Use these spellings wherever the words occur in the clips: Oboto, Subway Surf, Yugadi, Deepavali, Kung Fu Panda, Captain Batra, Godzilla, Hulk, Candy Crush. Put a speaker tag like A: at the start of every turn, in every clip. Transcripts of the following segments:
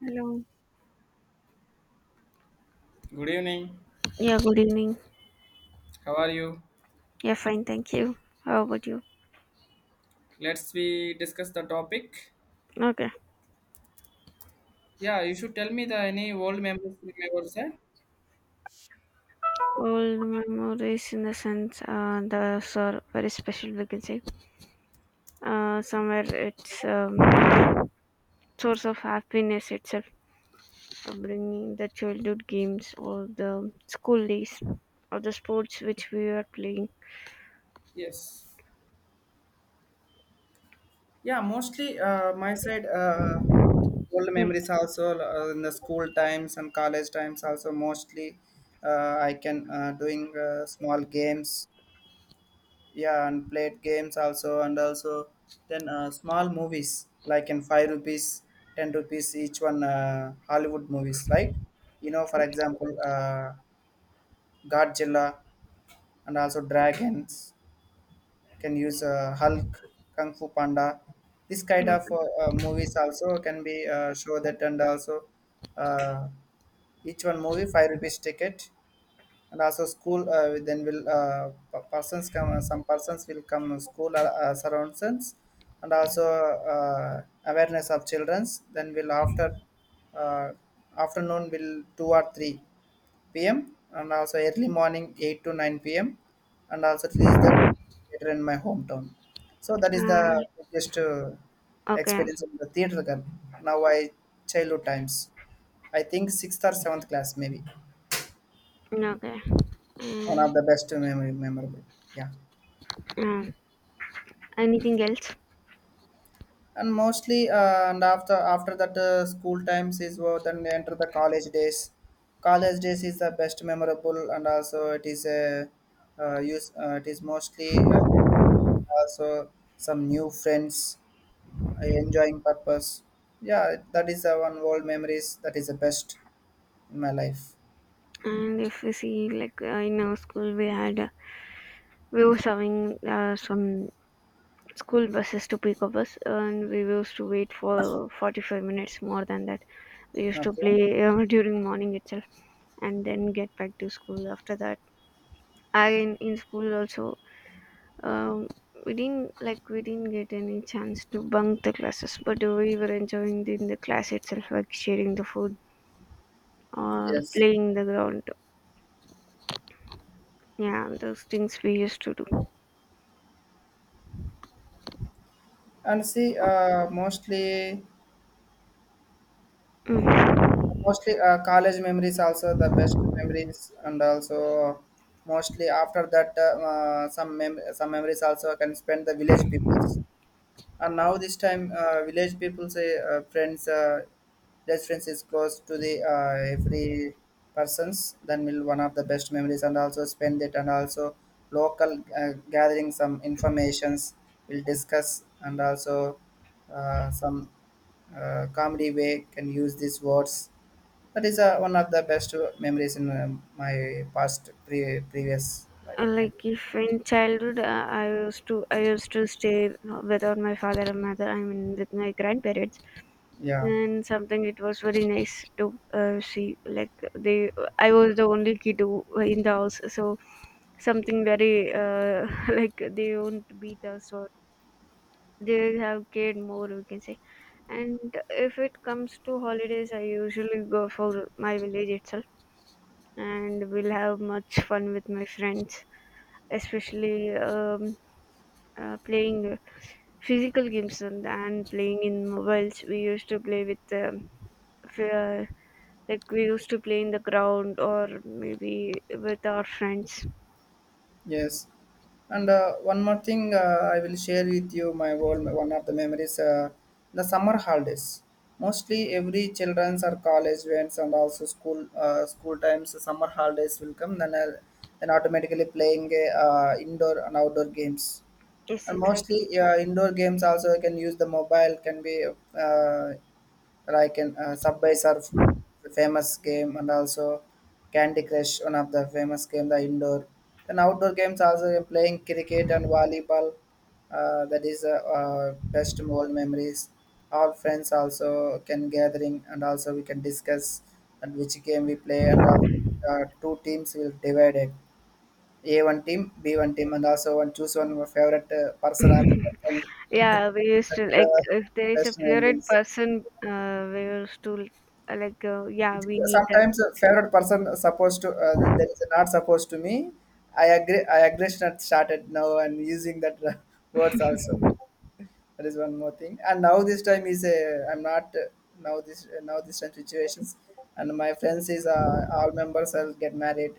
A: Hello.
B: Good evening.
A: Yeah, good evening.
B: How are you?
A: Yeah, fine, thank you. How about you?
B: Let's we discuss the topic.
A: Okay.
B: Yeah, you should tell me the any old memories from your side.
A: Old memories in the sense those are very special we can say. Somewhere it's source of happiness itself, bringing the childhood games or the school days or the sports which we were playing.
B: Yes. Yeah, mostly my side old
A: Mm,
B: memories also in the school times and college times also mostly I can doing small games. Yeah, and played games also and also then small movies like in five rupees, ten rupees each one Hollywood movies like for example Godzilla, and also dragons. Can use Hulk, Kung Fu Panda. This kind of
A: mm,
B: movies also can be show that, and also uh, each one movie five rupees ticket, and also school. Then will persons come? Some persons will come school surroundings, and also awareness of childrens. Then will after uh, afternoon will two or three p.m. and also early morning 8 to 9 p.m. and also release that theater in my hometown. So that is the
A: uh,
B: biggest
A: okay,
B: experience in the theater. Gun. Now I childhood times. I think sixth or seventh class maybe
A: okay.
B: one
A: And,
B: of the best memory memorable. Yeah,
A: uh, anything else?
B: and mostly and after that school times is what then they enter the college days. College days is the best memorable and also it is a use it is mostly also some new friends enjoying purpose, yeah, that is the one old memories that is the best in my life.
A: And if we see like in our school we had we were serving some school buses to pick up us, and we used to wait for 45 minutes more than that. We used to
B: Okay.
A: play during morning itself and then get back to school after that. Again in school also, um, we didn't get any chance to bunk the classes, but we were enjoying the, in the class itself, like sharing the food or
B: Yes.
A: playing the ground. Yeah, those things we used to do.
B: And see mostly
A: Mhm.
B: mostly college memories are the best memories, and also mostly after that some some memories I'll spend the village people. And now this time, village people say friends restaurants is close to the every persons. Then will one of the best memories and also spend it and also local gathering some informations. Will discuss and also some comedy way can use these words. That is one of the best memories in my past previous life.
A: Like if in childhood I used to stay without my father and mother, I mean with my grandparents,
B: Yeah.
A: and something it was very nice to see like they I was the only kid who- in the house, so something very like they won't beat us, or they have cared more we can say. And if it comes to holidays, I usually go for my village itself, and we'll have much fun with my friends, especially playing physical games, and playing in mobiles. We used to play with f- uh, like we used to play in the ground or maybe with our friends.
B: Yes, and one more thing, I will share with you my world, one of the memories. The summer holidays, mostly every childrens or college events and also school times. The summer holidays will come, then automatically playing indoor and outdoor games,
A: Yes,
B: and
A: exactly.
B: mostly indoor games also can use the mobile can be uh, like in subway surf, the famous game, and also candy crush, one of the famous game, the indoor. Then outdoor games also, playing cricket and volleyball. That is best old memories. Our friends also can gathering and also we can discuss and which game we play, and two teams will divide it, a one team, B one team, and also one choose one of your favorite person, and the
A: Yeah, we used
B: that
A: to
B: is
A: like
B: the
A: if there is a
B: best
A: favorite
B: memories.
A: person, we used to like yeah,
B: It
A: we
B: is
A: need that
B: sometimes a
A: person.
B: favorite person supposed to that is not supposed to me. I agree. I aggression had started now and using that words also. That is one more thing. And now this time is I'm not now this now this time situations. And my friends is all members will get married,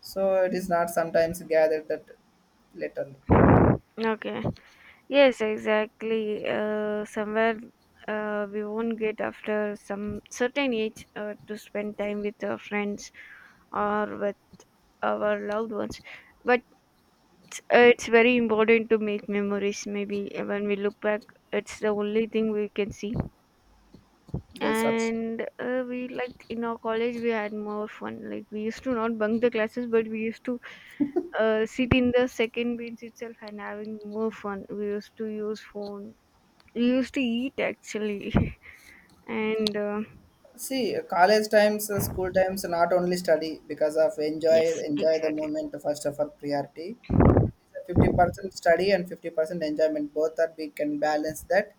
B: so it is not sometimes gathered that later.
A: Okay. Yes, exactly. Somewhere we won't get after some certain age to spend time with our friends or with our loved ones. But it's very important to make memories. Maybe when we look back, it's the only thing we can see.
B: That's also.
A: And we like in our college, we had more fun. Like we used to not bunk the classes, but we used to sit in the second bench itself and having more fun. We used to use phone, we used to eat actually. And
B: See, college times, school times, not only study because of enjoy
A: yes,
B: enjoy the
A: exactly.
B: moment first of all priority. 50% study and 50% enjoyment. Both that we can balance that.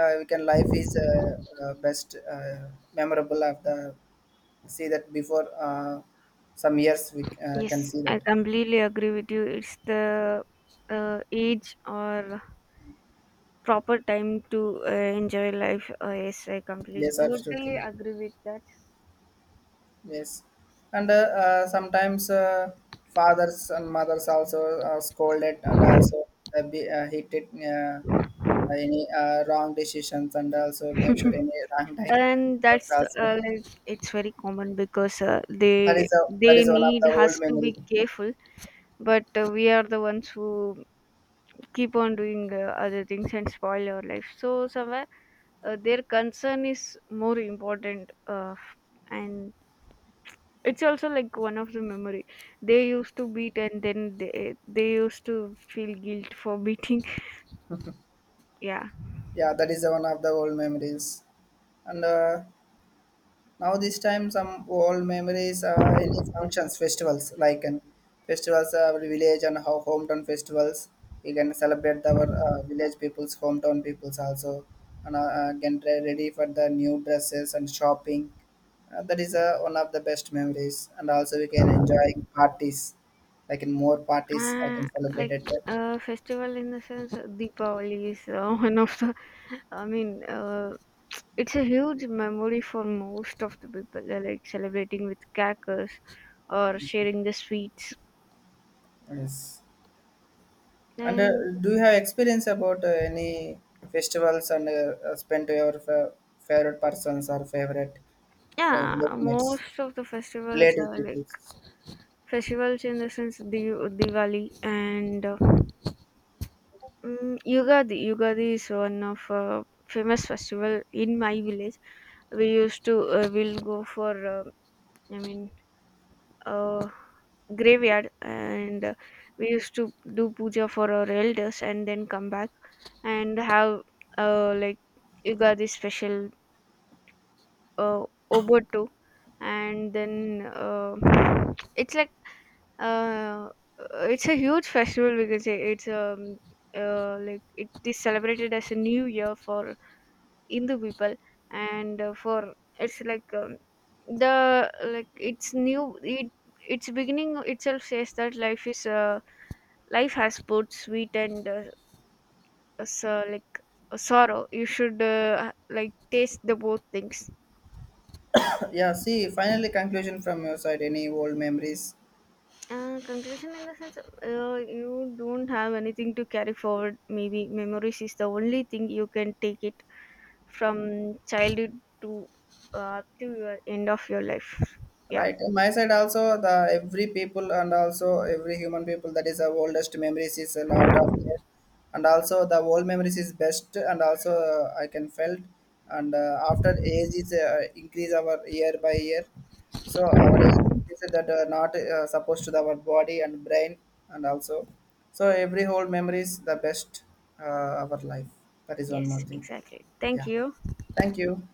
B: We can life is best memorable of the see that before some years we
A: Yes,
B: can see
A: I
B: that.
A: completely agree with you. It's the age or proper time to uh, enjoy life. Yes, I completely
B: Yes,
A: totally
B: absolutely.
A: agree with
B: Yes, and sometimes fathers and mothers also scolded and also be, hit it any wrong decisions and
A: that.
B: also make sure any wrong time
A: And
B: works
A: that's
B: also.
A: like it's very common because
B: That is a that
A: they
B: is one of
A: need
B: the old
A: us to
B: memory.
A: be careful. But we are the ones who keep on doing other things and spoil your life, so somewhere their concern is more important. And it's also like one of the memory, they used to beat and then they used to feel guilt for beating. Yeah.
B: Yeah, that is one of the old memories. And now this time some old memories, any functions, festivals like, and festivals our village and how hometown festivals. We can celebrate our village people's hometown peoples also, and can try ready for the new dresses and shopping. That is one of the best memories, and also we can enjoy parties. Like in more parties, I
A: uh,
B: can celebrate
A: like
B: at that.
A: festival in the sense, Deepavali is one of the, I mean, it's a huge memory for most of the people. They're like celebrating with crackers or sharing the sweets.
B: Yes. And
A: And
B: do you have experience about any festivals and spent to your favorite persons or favorite uh,
A: yeah,
B: mates,
A: most of the festivals
B: relative
A: are like
B: people?
A: festivals in the sense, Diwali and Yugadi. Yugadi is one of famous festival in my village. We used to we'll go for, I mean, uh, graveyard and we used to do puja for our elders and then come back and have like Yugadi special, uh, Oboto, and then it's like, uh, it's a huge festival. We can say it's like it is celebrated as a new year for Hindu people, and for it's like, the like it's new. It Its beginning itself says that life is, life has both sweet and like sorrow. You should like taste the both things.
B: Yeah, see, finally conclusion from your side. Any old memories?
A: Conclusion in the sense, you don't have anything to carry forward. Maybe memories is the only thing you can take it from childhood to, up to your end of your life. Yeah.
B: Right. On my side also the every people and also every human people, that is the oldest memories is a lot of there. And also the old memories is best, and also I can felt, and after age is increase our year by year. So our age is that not supposed to the, our body and brain, and also so every whole memory is the best uh, our life. That is one more
A: Yes,
B: thing.
A: exactly. Thank
B: Yeah.
A: you.
B: Thank you.